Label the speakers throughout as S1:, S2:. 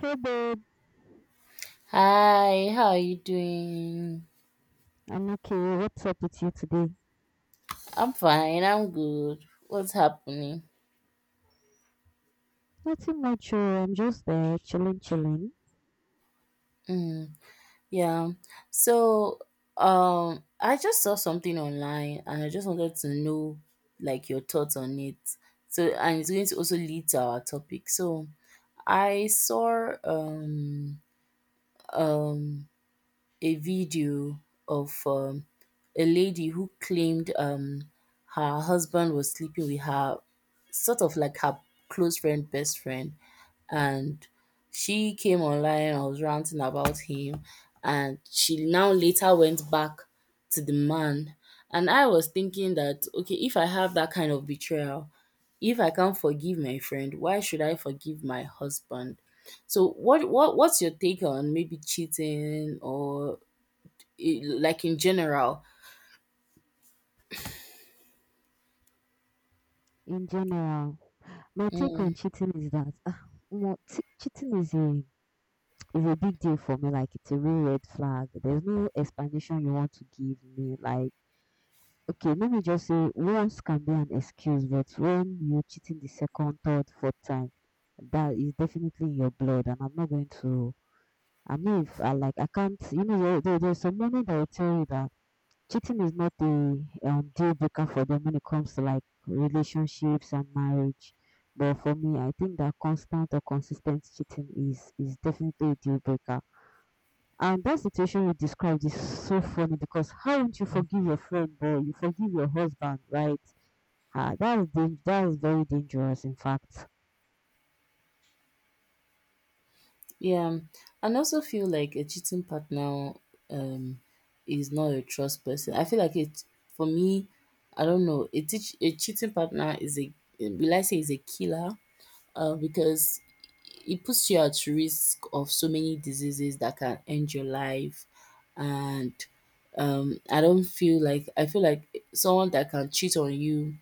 S1: Hey babe,
S2: Hi, how are you doing?
S1: I'm okay. What's up with you today?
S2: I'm fine, I'm good. What's happening?
S1: Nothing much. Oh, I'm just there chilling, chilling.
S2: Mm, yeah. So, I just saw something online and I just wanted to know like your thoughts on it. So, and it's going to also lead to our topic. So, I saw um a video of a lady who claimed her husband was sleeping with her, sort of like her close friend, best friend. And she came online, I was ranting about him. And she now later went back to the man. And I was thinking that, okay, if I have that kind of betrayal, if I can't forgive my friend, why should I forgive my husband? So what's your take on maybe cheating or like, in general.
S1: In general, my take on
S2: Mm,
S1: cheating is that well, cheating is a big deal for me. Like, it's a real red flag. There's no explanation you want to give me. Like, okay, let me just say once can be an excuse, but when you're cheating the second, third, fourth time, that is definitely in your blood, and I'm not going to. I mean, if I like, I can't. You know, there's some moment that will tell you that cheating is not a deal breaker for them when it comes to like relationships and marriage. But for me, I think that constant or consistent cheating is definitely a deal breaker. And that situation you described is so funny, because how won't you forgive your friend, boy? You forgive your husband, right? Ah, that is very dangerous, in fact.
S2: yeah, and also feel like a cheating partner um is not a trust person. I feel like it for me. I don't know. A cheating partner is a, will I say, is a killer, because it puts you at risk of so many diseases that can end your life. And I don't feel like, I feel like someone that can cheat on you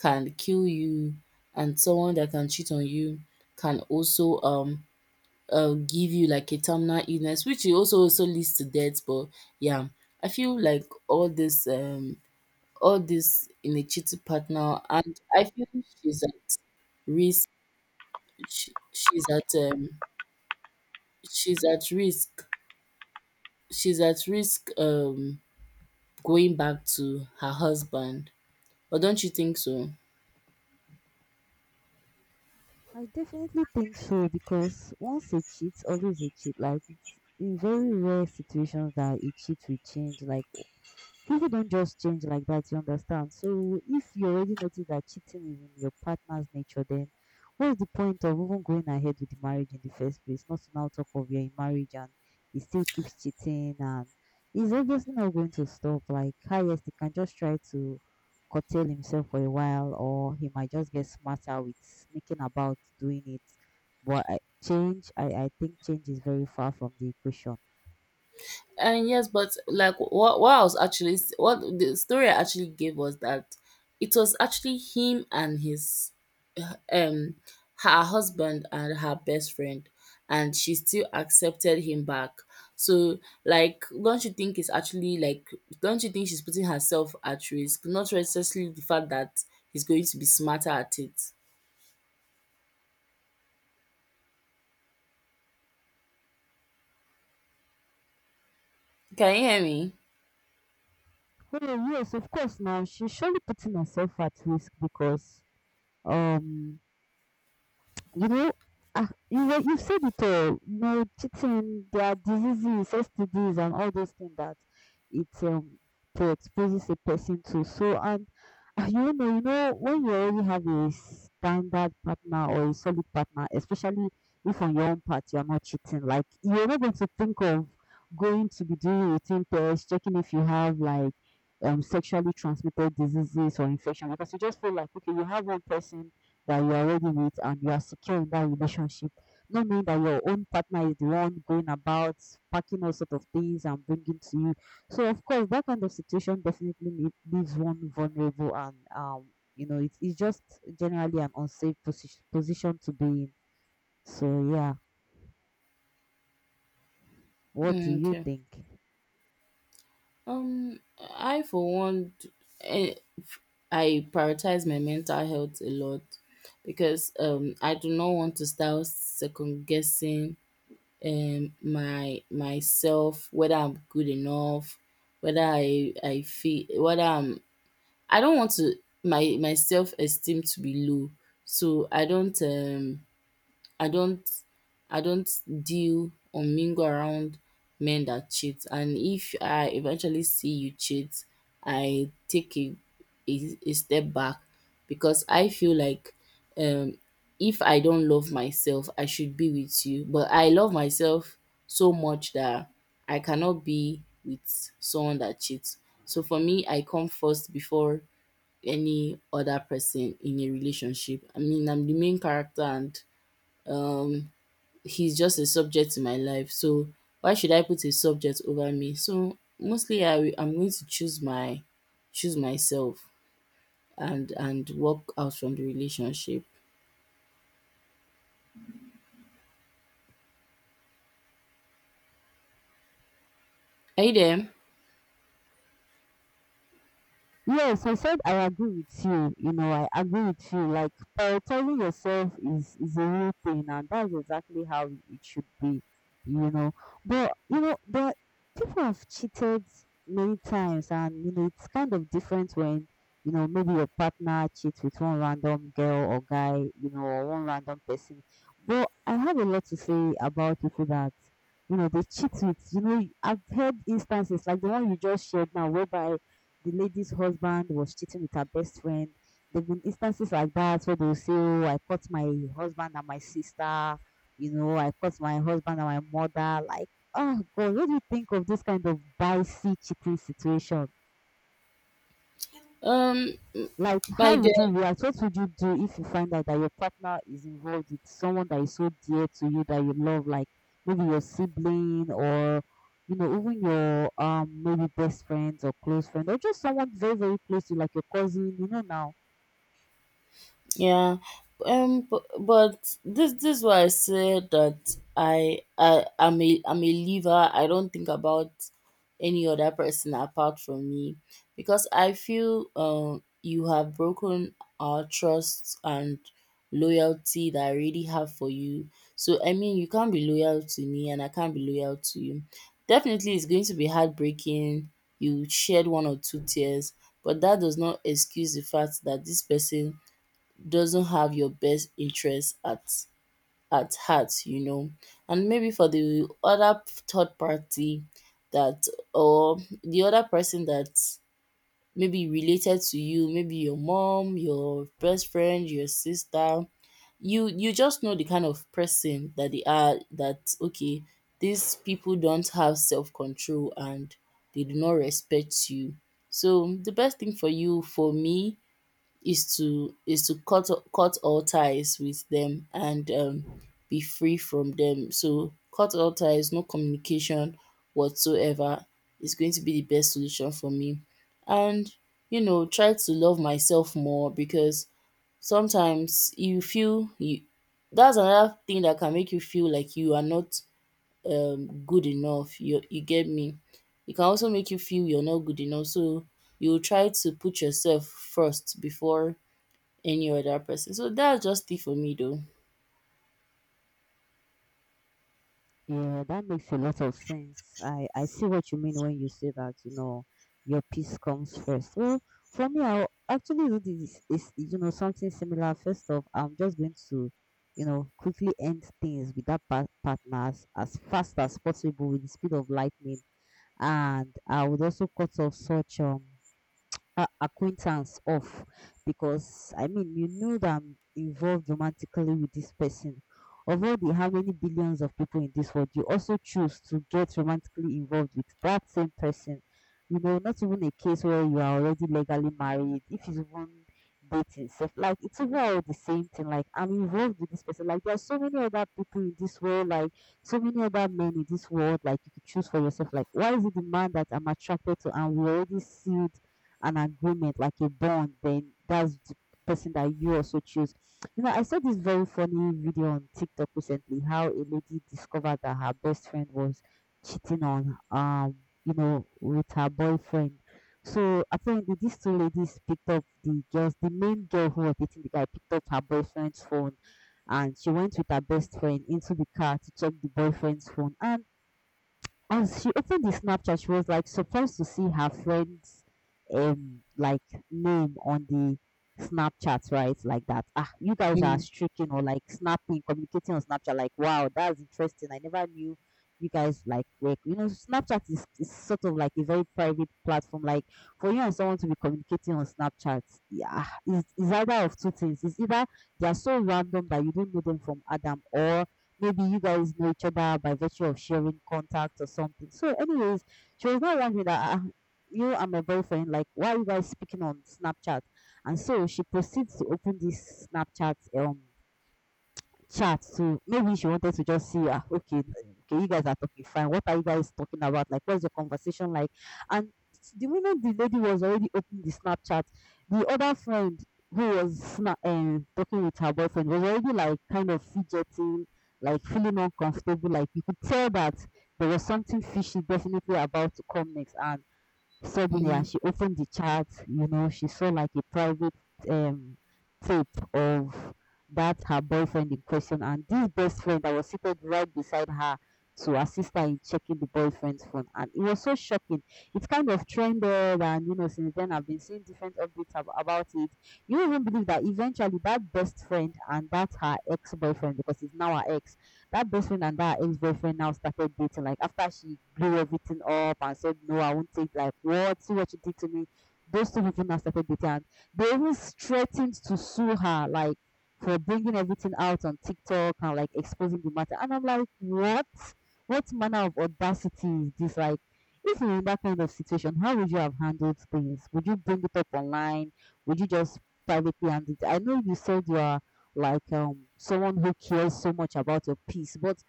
S2: can kill you. And someone that can cheat on you can also give you like a terminal illness, which it also also leads to death. But yeah, I feel like all this in a cheating partner, and I feel she's at risk. she she's at, um she's at risk she's at risk, going back to her husband, but don't you think so?
S1: I definitely think so, because once a cheat, always a cheat. Like, it's in very rare situations that a cheat will change. Like, people don't just change like that, you understand? So if you already notice that cheating is in your partner's nature, then what's the point of even going ahead with the marriage in the first place? Not to now talk of you're in marriage and he still keeps cheating and he's obviously not going to stop. Like, hi, yes, he can just try to curtail himself for a while, or he might just get smarter with sneaking about doing it. But change, I think change is very far from the equation.
S2: And yes, but like what I was actually, what the story I actually gave was that it was actually him and his um her husband and her best friend, and she still accepted him back. So, like, don't you think it's actually, like, don't you think she's putting herself at risk? Not necessarily the fact that he's going to be smarter at it. Can you hear me?
S1: Oh yes, of course. Now she's surely putting herself at risk because, um you know, ah, you said it all. No cheating. There are diseases, STDs, and all those things that it exposes a person to. So, and ah, you know, when you already have a standard partner or a solid partner, especially if on your own part you are not cheating, like you're not going to think of going to be doing routine tests, checking if you have like sexually transmitted diseases or infection, because you just feel like, okay, you have one person that you're already with and you are secure in that relationship, not knowing that your own partner is the one going about packing all sort of things and bringing to you. So of course, that kind of situation definitely leaves one vulnerable and, you know, it's just generally an unsafe position to be in. So yeah, what do
S2: Mm,
S1: you
S2: okay.
S1: think?
S2: I, for one, eh, I prioritize my mental health a lot because I do not want to start second guessing my myself, whether I'm good enough, whether I feel whether I'm I don't want to my self esteem to be low. So I don't I don't deal or mingle around men that cheat, and if I eventually see you cheat, I take a step back because I feel like um if I don't love myself, I should be with you. But I love myself so much that I cannot be with someone that cheats. So for me, I come first before any other person in a relationship. I mean, I'm the main character, and um, he's just a subject in my life. So why should I put a subject over me? So mostly, I'm going to choose myself, and walk out from the relationship. Are you there?
S1: Yes, I said I agree with you. You know, I agree with you. Like, prioritizing yourself is a real thing, and that's exactly how it should be. You know, but you know, the people have cheated many times, and you know, it's kind of different when, you know, maybe your partner cheats with one random girl or guy, you know, or one random person. But I have a lot to say about people that, you know, they cheat with. You know, I've heard instances like the one you just shared now, whereby the lady's husband was cheating with her best friend. There've been instances like that where they'll say, "Oh, I caught my husband and my sister," you know, "I caught my husband and my mother." Like, oh God, what do you think of this kind of dicey cheating situation?
S2: Um
S1: Like,
S2: my
S1: how would you react? What would you do if you find out that your partner is involved with someone that is so dear to you, that you love, like maybe your sibling or, you know, even your maybe best friends or close friend, or just someone very, very close to you, like your cousin, you know now.
S2: Yeah. But this is why I said that I'm a leaver. I don't think about any other person apart from me because I feel you have broken our trust and loyalty that I already have for you. So I mean you can't be loyal to me and I can't be loyal to you. Definitely it's going to be heartbreaking. You shed one or two tears, but that does not excuse the fact that this person doesn't have your best interest at heart. And maybe for the other third party that, or the other person that, maybe related to you, maybe your mom, your best friend, your sister, you just know the kind of person that they are, that okay, these people don't have self-control and they do not respect you. So the best thing for you, for me, is to cut all ties with them, and be free from them. So, cut all ties, no communication whatsoever is going to be the best solution for me. And, try to love myself more because sometimes you feel you that's another thing that can make you feel like you are not good enough. You get me? It can also make you feel you're not good enough. So you try to put yourself first before any other person. So that's just it for me though.
S1: Yeah, that makes a lot of sense. I see what you mean when you say that, you know, your peace comes first. Well, for me, I'll actually do this, is, you know, something similar. First off, I'm just going to, you know, quickly end things with that partners as fast as possible with the speed of lightning. And I would also cut off such acquaintance off, because I mean, you know that I'm involved romantically with this person. Of all the how many billions of people in this world, you also choose to get romantically involved with that same person. You know, not even a case where you are already legally married, if it's even dating self, like it's even the same thing. Like, I'm involved with this person. Like, there are so many other people in this world, like so many other men in this world, like you could choose for yourself. Like, why is it the man that I'm attracted to and we already see an agreement, like a bond, then that's the person that you also choose. You know, I saw this very funny video on TikTok recently how a lady discovered that her best friend was cheating on, you know, with her boyfriend. So apparently these two ladies picked up the girls, the main girl who was dating the guy picked up her boyfriend's phone, and she went with her best friend into the car to check the boyfriend's phone, and she opened the Snapchat. She was like surprised to see her friend's um like name on the Snapchat, right? Like that. Ah, you guys are
S2: Mm,
S1: streaking or like snapping, communicating on Snapchat. Like, wow, that's interesting. I never knew you guys like work. You know, Snapchat is sort of like a very private platform. Like, for you and someone to be communicating on Snapchat, yeah, is either of two things. It's either they are so random that you don't know them from Adam, or maybe you guys know each other by virtue of sharing contacts or something. So, anyways, she was not wondering that, ah, you and my boyfriend, like, why are you guys speaking on Snapchat? And so she proceeds to open this Snapchat chat to, maybe she wanted to just see, ah, okay, okay, you guys are talking fine, what are you guys talking about, like what's your conversation like. And the moment the lady was already opening the Snapchat, the other friend who was talking with her boyfriend was already like kind of fidgeting, like feeling uncomfortable, like you could tell that there was something fishy definitely about to come next. And suddenly,
S2: mm.
S1: as she opened the chat, you know, she saw like a private, um, tape of that her boyfriend in question and this best friend that was seated right beside her to assist her in checking the boyfriend's phone. And it was so shocking. It kind of trended, and you know, since then I've been seeing different updates about it. You won't even believe that eventually that best friend and that's her ex boyfriend, because it's now her ex, that best friend and that ex boyfriend now started dating. Like, after she blew everything up and said, "No, I won't take." Like, what? See what you did to me. Those two people now started dating. And they even threatened to sue her, like for bringing everything out on TikTok and like exposing the matter. And I'm like, what? What manner of audacity is this? Like, if you're in that kind of situation, how would you have handled things? Would you bring it up online? Would you just privately handle it? I know you said you are like someone who cares so much about your peace. But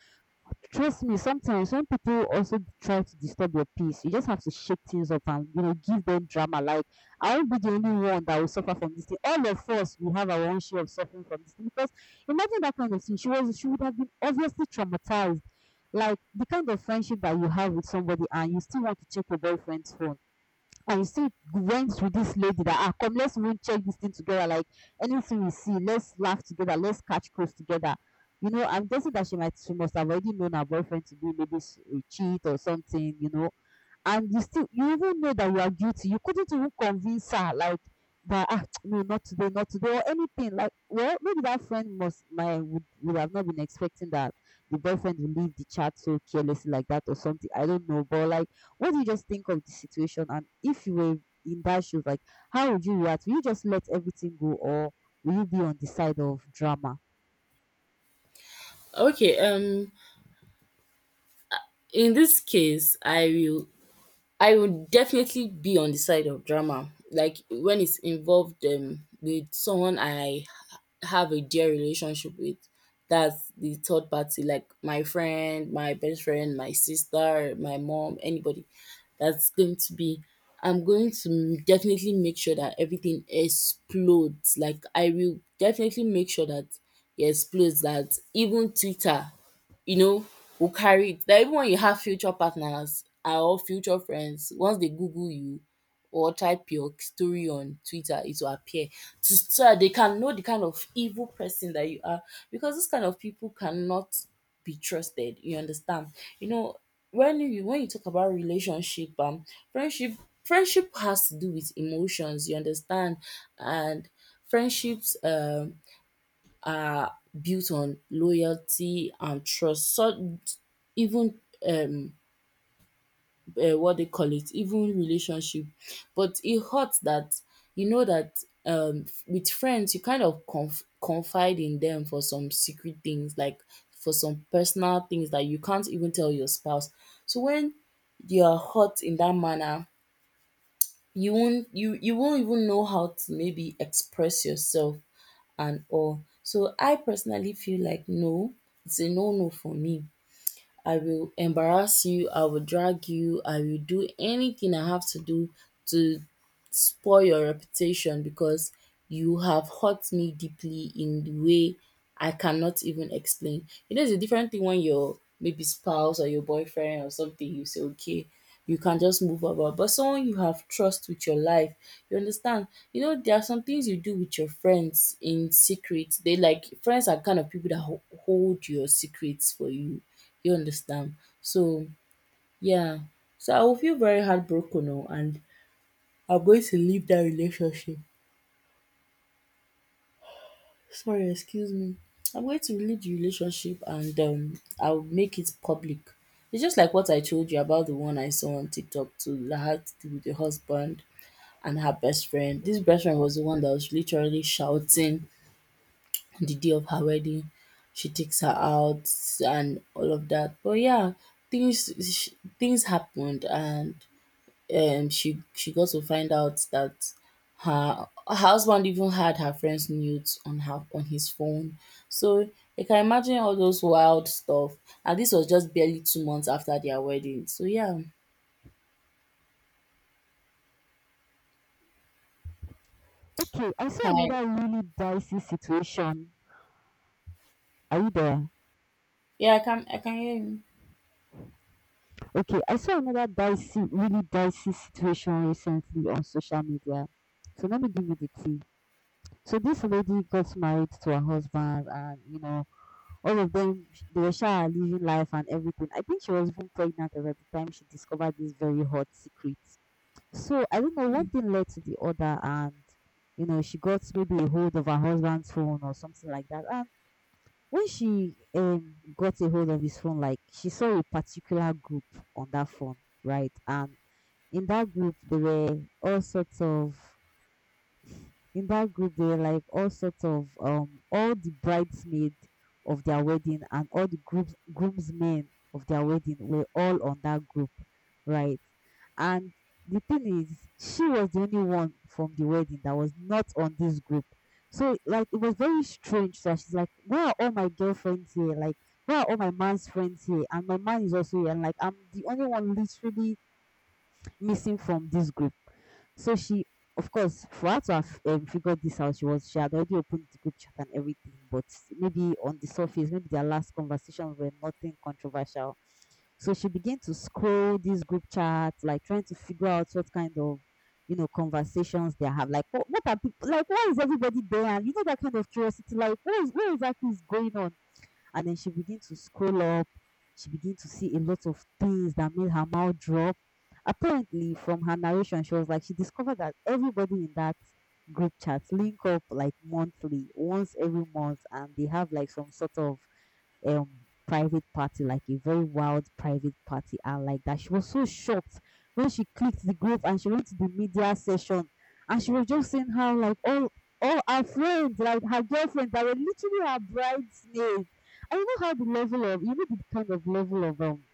S1: trust me, sometimes when people also try to disturb your peace, you just have to shake things up and, you know, give them drama. Like, I won't be the only one that will suffer from this thing. All of us will have our own share of suffering from this thing, because imagine that kind of thing. She was, she would have been obviously traumatized. Like, the kind of friendship that you have with somebody and you still want to check your boyfriend's phone, and you see it went with this lady that, ah, come let's even check this thing together, like anything we see let's laugh together, let's catch cruise together, you know, I'm guessing that she might, she must have already known her boyfriend to be maybe a cheat or something, you know. And you still, you even know that you are guilty. You couldn't even convince her, like that, ah, no, not today, not today or anything. Like, well, maybe that friend must my would have not been expecting that the boyfriend would leave the chat so carelessly like that or something. I don't know. But like, what do you just think of the situation? And if you were in that shoes, like how would you react? Will you just let everything go, or will you be on the side of drama?
S2: Okay, in this case, I would definitely be on the side of drama, like when it's involved with someone have a dear relationship with. That's the third party, like my friend, my best friend, my sister, my mom, anybody. That's going to be. I'm going to definitely make sure that everything explodes. Like, I will definitely make sure that it explodes. That even Twitter, you know, will carry it. That even when you have future partners, or future friends, once they Google you or type your story on Twitter, it will appear to, so that they can know the kind of evil person that you are. Because this kind of people cannot be trusted. You understand? You know, when you talk about relationship, friendship, friendship has to do with emotions. You understand, and friendships are built on loyalty and trust. So, even, um what they call it, even relationship. But it hurts that you know that with friends you kind of confide in them for some secret things, like for some personal things that you can't even tell your spouse. So when you are hurt in that manner, you won't even know how to maybe express yourself and all. So I personally feel like no, it's a no no for me. I will embarrass you, I will drag you, I will do anything I have to do to spoil your reputation, because you have hurt me deeply in the way I cannot even explain. You know, it's a different thing when your maybe spouse or your boyfriend or something, you say, okay, you can just move about. But someone you have trust with your life, you understand? You know, there are some things you do with your friends in secret. They, like, friends are kind of people that hold your secrets for you. You understand? So, yeah. So I will feel very heartbroken oh, and I'm going to leave that relationship. Sorry, excuse me. I'm going to leave the relationship, and I'll make it public. It's just like what I told you about the one I saw on TikTok too, that had to do with the husband and her best friend. This best friend was the one that was literally shouting on the day of her wedding. She takes her out and all of that. But yeah, things happened, and she got to find out that her husband even had her friend's nudes on her on his phone. So you can imagine all those wild stuff. And this was just barely 2 months after their wedding. So yeah.
S1: Okay, I saw
S2: Hi.
S1: another really dicey situation. Are you there?
S2: Yeah, I can hear you.
S1: Okay, I saw another dicey, really dicey situation recently on social media. So let me give you the tea. So this lady got married to her husband, and you know, all of them sh- they were sure living life and everything. I think she was even pregnant at the time she discovered this very hot secret. So I don't know, one
S2: Mm,
S1: thing led to the other, and you know, she got maybe a hold of her husband's phone or something like that. And when she got a hold of his phone, like she saw a particular group on that phone, right? And in that group, there were all sorts of in that group they were like all sorts of all the bridesmaids of their wedding, and all the groups groomsmen of their wedding were all on that group, right? And the thing is, she was the only one from the wedding that was not on this group. So like it was very strange. So she's like, "Where are all my girlfriends here? Like, where are all my man's friends here? And my man is also here. And like I'm the only one literally missing from this group." So she, of course, for her to have figured this out, she had already opened the group chat and everything, but maybe on the surface, maybe their last conversations were nothing controversial. So she began to scroll this group chat, like trying to figure out what kind of you know conversations they have. Like what are people like? Why is everybody there? And you know that kind of curiosity. Like what is what exactly is going on? And then she began to scroll up. She began to see a lot of things that made her mouth drop. Apparently, from her narration, she was like, she discovered that everybody in that group chat link up like monthly, once every month, and they have like some sort of um private party, like a very wild private party, and like that. She was so shocked when she clicked the group and she went to the media session, and she was just saying how like all her friends, like her girlfriends, that were literally her bridesmaids. I know how the level of you know the kind of level of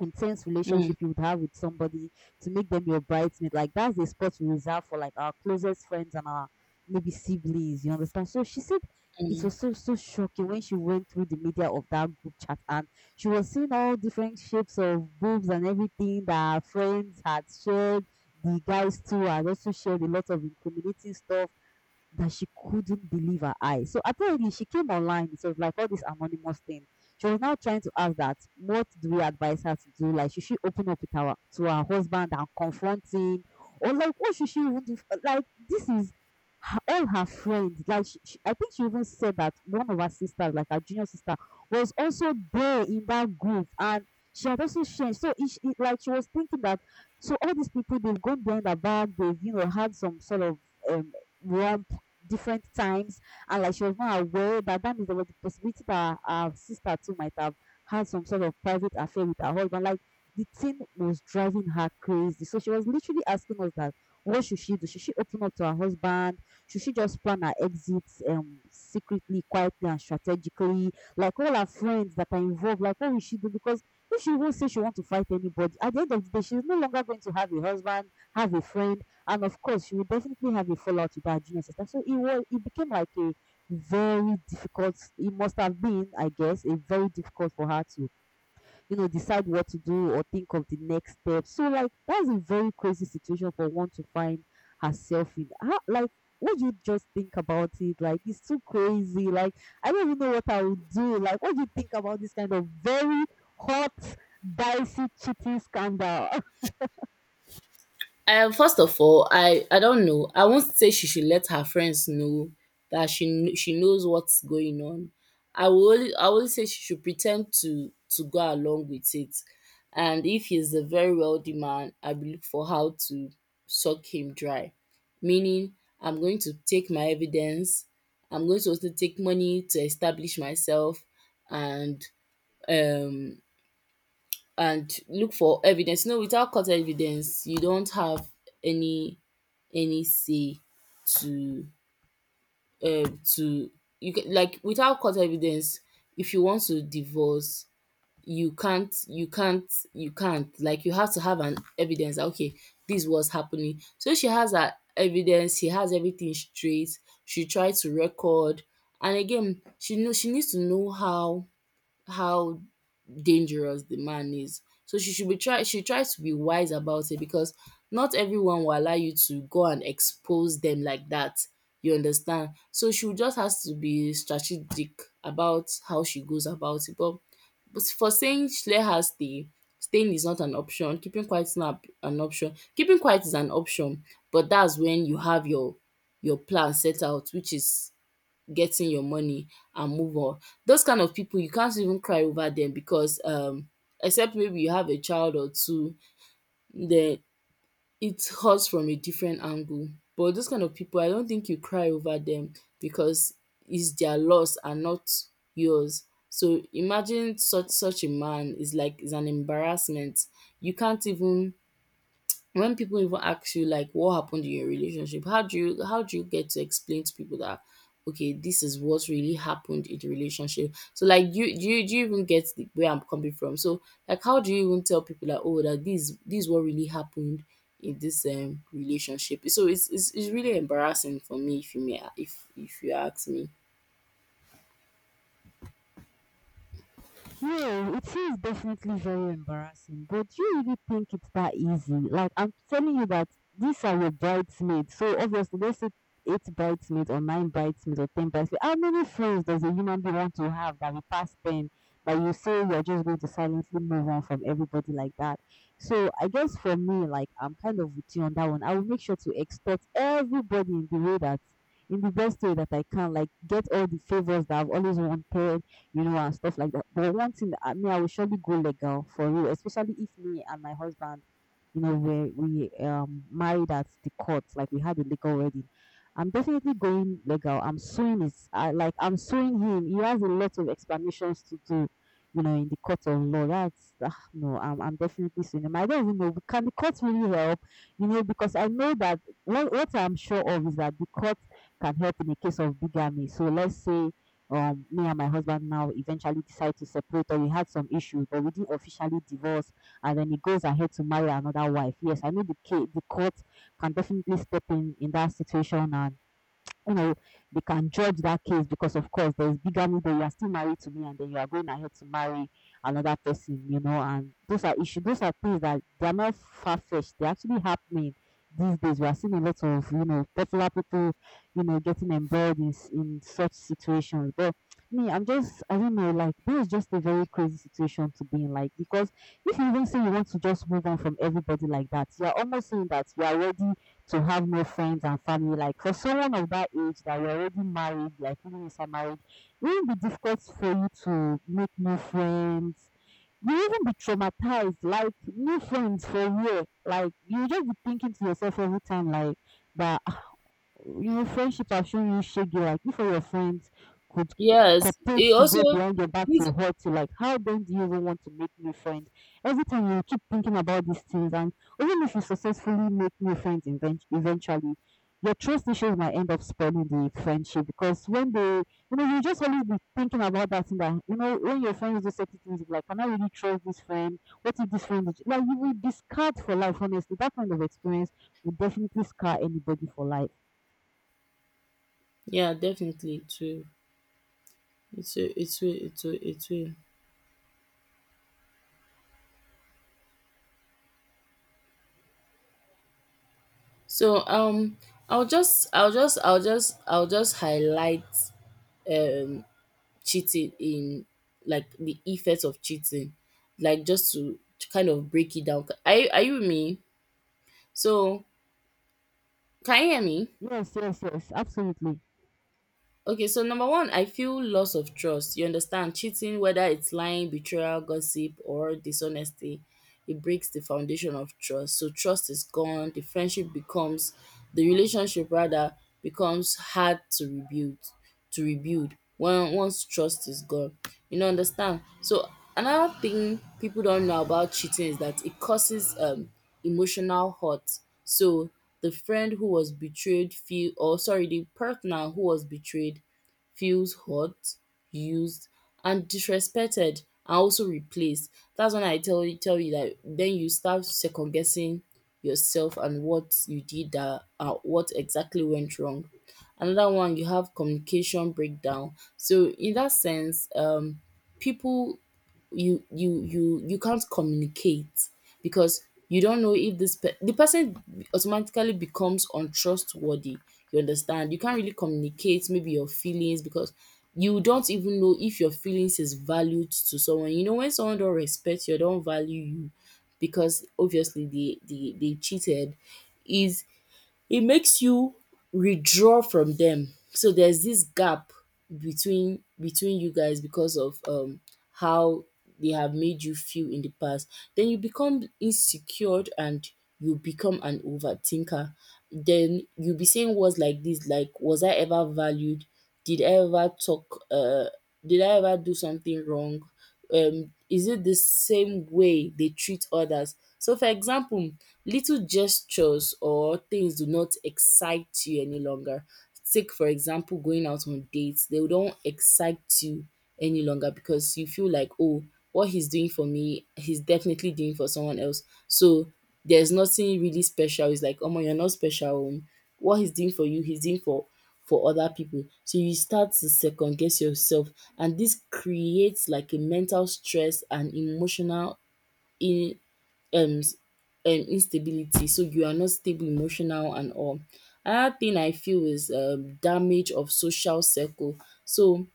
S1: intense
S2: mm.
S1: relationship you would have with somebody to make them your bridesmaid. Like that's the spot we reserve for like our closest friends and our maybe siblings. You understand? So she said it
S2: Mm.
S1: was so so shocking when she went through the media of that group chat, and she was seeing all different shapes of boobs and everything that her friends had shared. The guys too had also shared a lot of incriminating stuff that she couldn't believe her eyes. So apparently she came online. It was like all this anonymous thing. She was now trying to ask that, what do we advise her to do? Like, should she open up with her to her husband and confront him, or like, what should she even do? Like, this is her, all her friends. Like, I think she even said that one of her sisters, like her junior sister, was also there in that group, and she had also changed. So it like she was thinking that so all these people, they've gone behind the back, they've you know had some sort of um wrong different times, and like she was not aware that, that means there was a possibility that her sister too might have had some sort of private affair with her husband. Like the thing was driving her crazy. So she was literally asking us that what should she do? Should she open up to her husband? Should she just plan her exits secretly, quietly, and strategically? Like all her friends that are involved, like what will she do? Because if she won't say she wants to fight anybody, at the end of the day, she's no longer going to have a husband, have a friend, and of course, she will definitely have a fallout with her junior sister. So it became like a very difficult it must have been, I guess, a very difficult for her to, you know, decide what to do or think of the next step. So like that's a very crazy situation for one to find herself in. How, like what do you just think about it? Like it's too crazy. Like I don't even know what I would do. Like what do you think about this kind of very hot, dicey cheating scandal?
S2: First of all, I don't know. I won't say she should let her friends know that she knows what's going on. I will say she should pretend to go along with it, and if he's a very wealthy man, I will look for how to suck him dry, meaning I'm going to take my evidence. I'm going to also take money to establish myself, and um and look for evidence. No, without court evidence, you don't have any any say to, um to like, without court evidence, if you want to divorce, you can't, like, you have to have an evidence that, okay, this was happening. So she has her evidence, she has everything straight, she tried to record. And again, she needs to know how dangerous the man is. So she tries to be wise about it because not everyone will allow you to go and expose them like that. You understand? So she just has to be strategic about how she goes about it. But for saying, let her stay, staying is not an option. Keeping quiet is not an option. Keeping quiet is an option, but that's when you have your plan set out, which is getting your money and move on. Those kind of people you can't even cry over them because except maybe you have a child or two, then it hurts from a different angle. But those kind of people I don't think you cry over them because it's their loss and not yours. So imagine such a man is, like, is an embarrassment. You can't even when people even ask you like what happened in your relationship, how do you get to explain to people that okay, this is what really happened in the relationship? So like you do you do you even get the, where I'm coming from? So like how do you even tell people that oh that this is what really happened in this relationship? So it's really embarrassing for me if you may if you ask me.
S1: Yeah, it is definitely very embarrassing, but do you really think it's that easy? Like, I'm telling you that these are your bridesmaids. So, obviously, let's say eight bridesmaids or nine bridesmaids or ten bridesmaids. How many friends does a human being want to have that we pass 10? But you say you're just going to silently move on from everybody like that? So, I guess for me, like, I'm kind of with you on that one. I will make sure to extort everybody in the way that. In the best way that I can, like get all the favors that I've always wanted, you know, and stuff like that. But one thing that I mean, I will surely go legal for real, especially if me and my husband, you know, we married at the court, like we had a legal wedding. I'm definitely going legal. I'm suing his, I, like I'm suing him. He has a lot of explanations to do, you know, in the court of law. That's no, I'm definitely suing him. I don't even know. Can the court really help? You know, because I know that what I'm sure of is that the court can help in a case of bigamy. So let's say me and my husband now eventually decide to separate, or we had some issues but we didn't officially divorce, and then he goes ahead to marry another wife. Yes, I know the court can definitely step in that situation, and you know, they can judge that case because, of course, there's bigamy that you are still married to me and then you are going ahead to marry another person, you know, and those are issues, those are things that they are not far fetched, they're actually happening these days. We are seeing a lot of, you know, popular people, you know, getting embroiled in, in such situations. But me, I'm just, I don't know, like, this is just a very crazy situation to be in, like, because if you even say you want to just move on from everybody like that, you're almost saying that you are ready to have no friends and family. Like for someone of that age that you're already married, like living inside marriage, it will be difficult for you to make new friends. You will even be traumatized, like new friends for where? Like you just be thinking to yourself every time, like that you know, friendship has shown you shaggy. Like, if all your friends could
S2: Yes.
S1: cooperate
S2: It
S1: to go
S2: also
S1: behind your back to hurt you, like, how then do you even want to make new friends? Every time you keep thinking about these things, and even if you successfully make new friends eventually, your trust issues might end up spoiling the friendship because when they, you know, you just always be thinking about that thing that, you know, when your friends do certain things, like, can I really trust this friend? What if this friend, is-" like, you will be scarred for life, honestly. That kind of experience will definitely scar anybody for life.
S2: yeah, definitely too. It's a, it's a, it's a, it's a. So I'll just highlight um cheating in like the effects of cheating. Like just to kind of break it down. Are you with me? So can you hear me?
S1: Yes, yes, yes, absolutely.
S2: Okay, so number one, I feel loss of trust. You understand cheating, whether it's lying, betrayal, gossip, or dishonesty, it breaks the foundation of trust. So trust is gone. The friendship becomes the relationship rather becomes hard to rebuild when once trust is gone. You know, understand? So another thing people don't know about cheating is that it causes emotional hurt. So the friend who was betrayed feel or sorry, the partner who was betrayed feels hurt, used, and disrespected and also replaced. That's when I tell you that then you start second guessing yourself and what you did that what exactly went wrong. Another one you have communication breakdown. So in that sense, people you can't communicate because you don't know if the person automatically becomes untrustworthy, you understand. You can't really communicate maybe your feelings because you don't even know if your feelings is valued to someone. You know, when someone don't respect you or don't value you because obviously they cheated is it makes you withdraw from them. So there's this gap between you guys because of how they have made you feel in the past. Then you become insecure and you become an overthinker. Then you'll be saying words like this, like was I ever valued? Did I ever talk did I ever do something wrong? Is it the same way they treat others? So, for example, little gestures or things do not excite you any longer. Take, for example, going out on dates, they don't excite you any longer because you feel like, oh, what he's doing for me, he's definitely doing for someone else. So, there's nothing really special. It's like, oh my, you're not special. What he's doing for you, he's doing for other people. So you start to second guess yourself and this creates like a mental stress and emotional in um s- instability. So you are not stable emotional and all. Another thing I feel is damage of social circle. So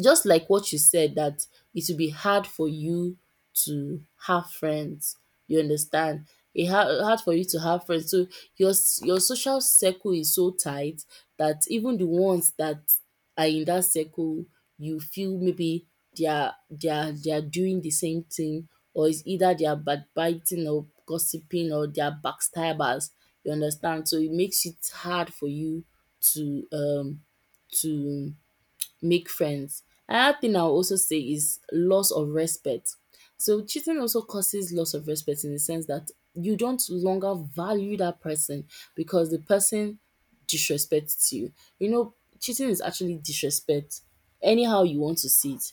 S2: just like what you said, that it will be hard for you to have friends, you understand. It hard, hard for you to have friends. So your social circle is so tight that even the ones that are in that circle, you feel maybe they are they are doing the same thing, or it's either they are backbiting or gossiping or they are backstabbers, you understand. So it makes it hard for you to um to make friends. Another thing I'll also say is loss of respect. So cheating also causes loss of respect in the sense that you don't longer value that person because the person disrespects you. You know, cheating is actually disrespect. Anyhow you want to see it.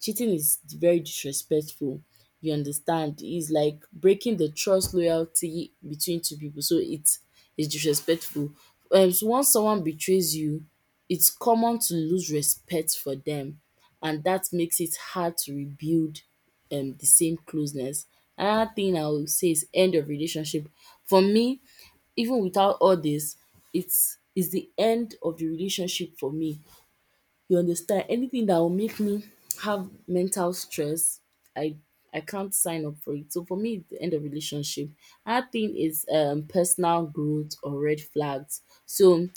S2: Cheating is very disrespectful. You understand? It's like breaking the trust loyalty between two people. So it is disrespectful. So once someone betrays you, it's common to lose respect for them and that makes it hard to rebuild the same closeness. Another thing I will say is end of relationship. For me, even without all this, it's the end of the relationship for me. You understand? Anything that will make me have mental stress, I I can't sign up for it. So for me, it's the end of relationship. Another thing is personal growth or red flags. So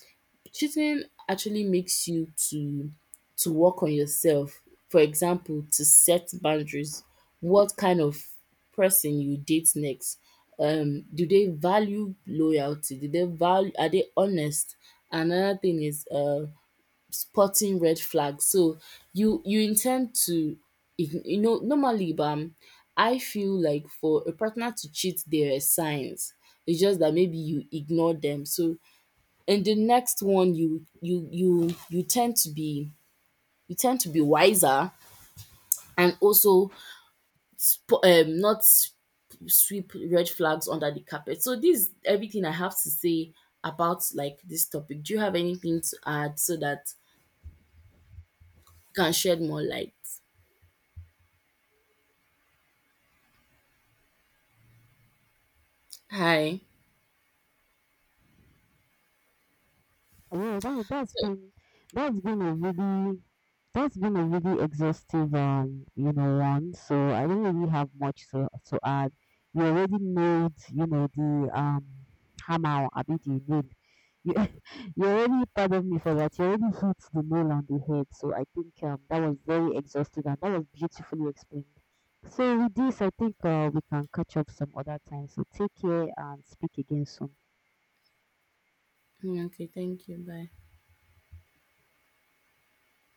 S2: cheating actually makes you to work on yourself. For example, to set boundaries. What kind of person you date next? Do they value loyalty? Do they value? Are they honest? Another thing is spotting red flags. So you intend to you know, normally bam, I feel like for a partner to cheat there are signs. It's just that maybe you ignore them. So in the next one you tend to be wiser and also sp- not sp- sweep red flags under the carpet. So this is everything I have to say about like this topic. Do you have anything to add so that you can shed more light? Hi.
S1: Yeah, that's been a really exhaustive you know one. So I don't really have much to add. You already nailed you know the hammer or abi the nail. You you already pardon me for that. You already hit the nail on the head. So I think that was very exhaustive and that was beautifully explained. So with this, I think we can catch up some other time. So take care and speak again soon.
S2: Okay, thank you. Bye.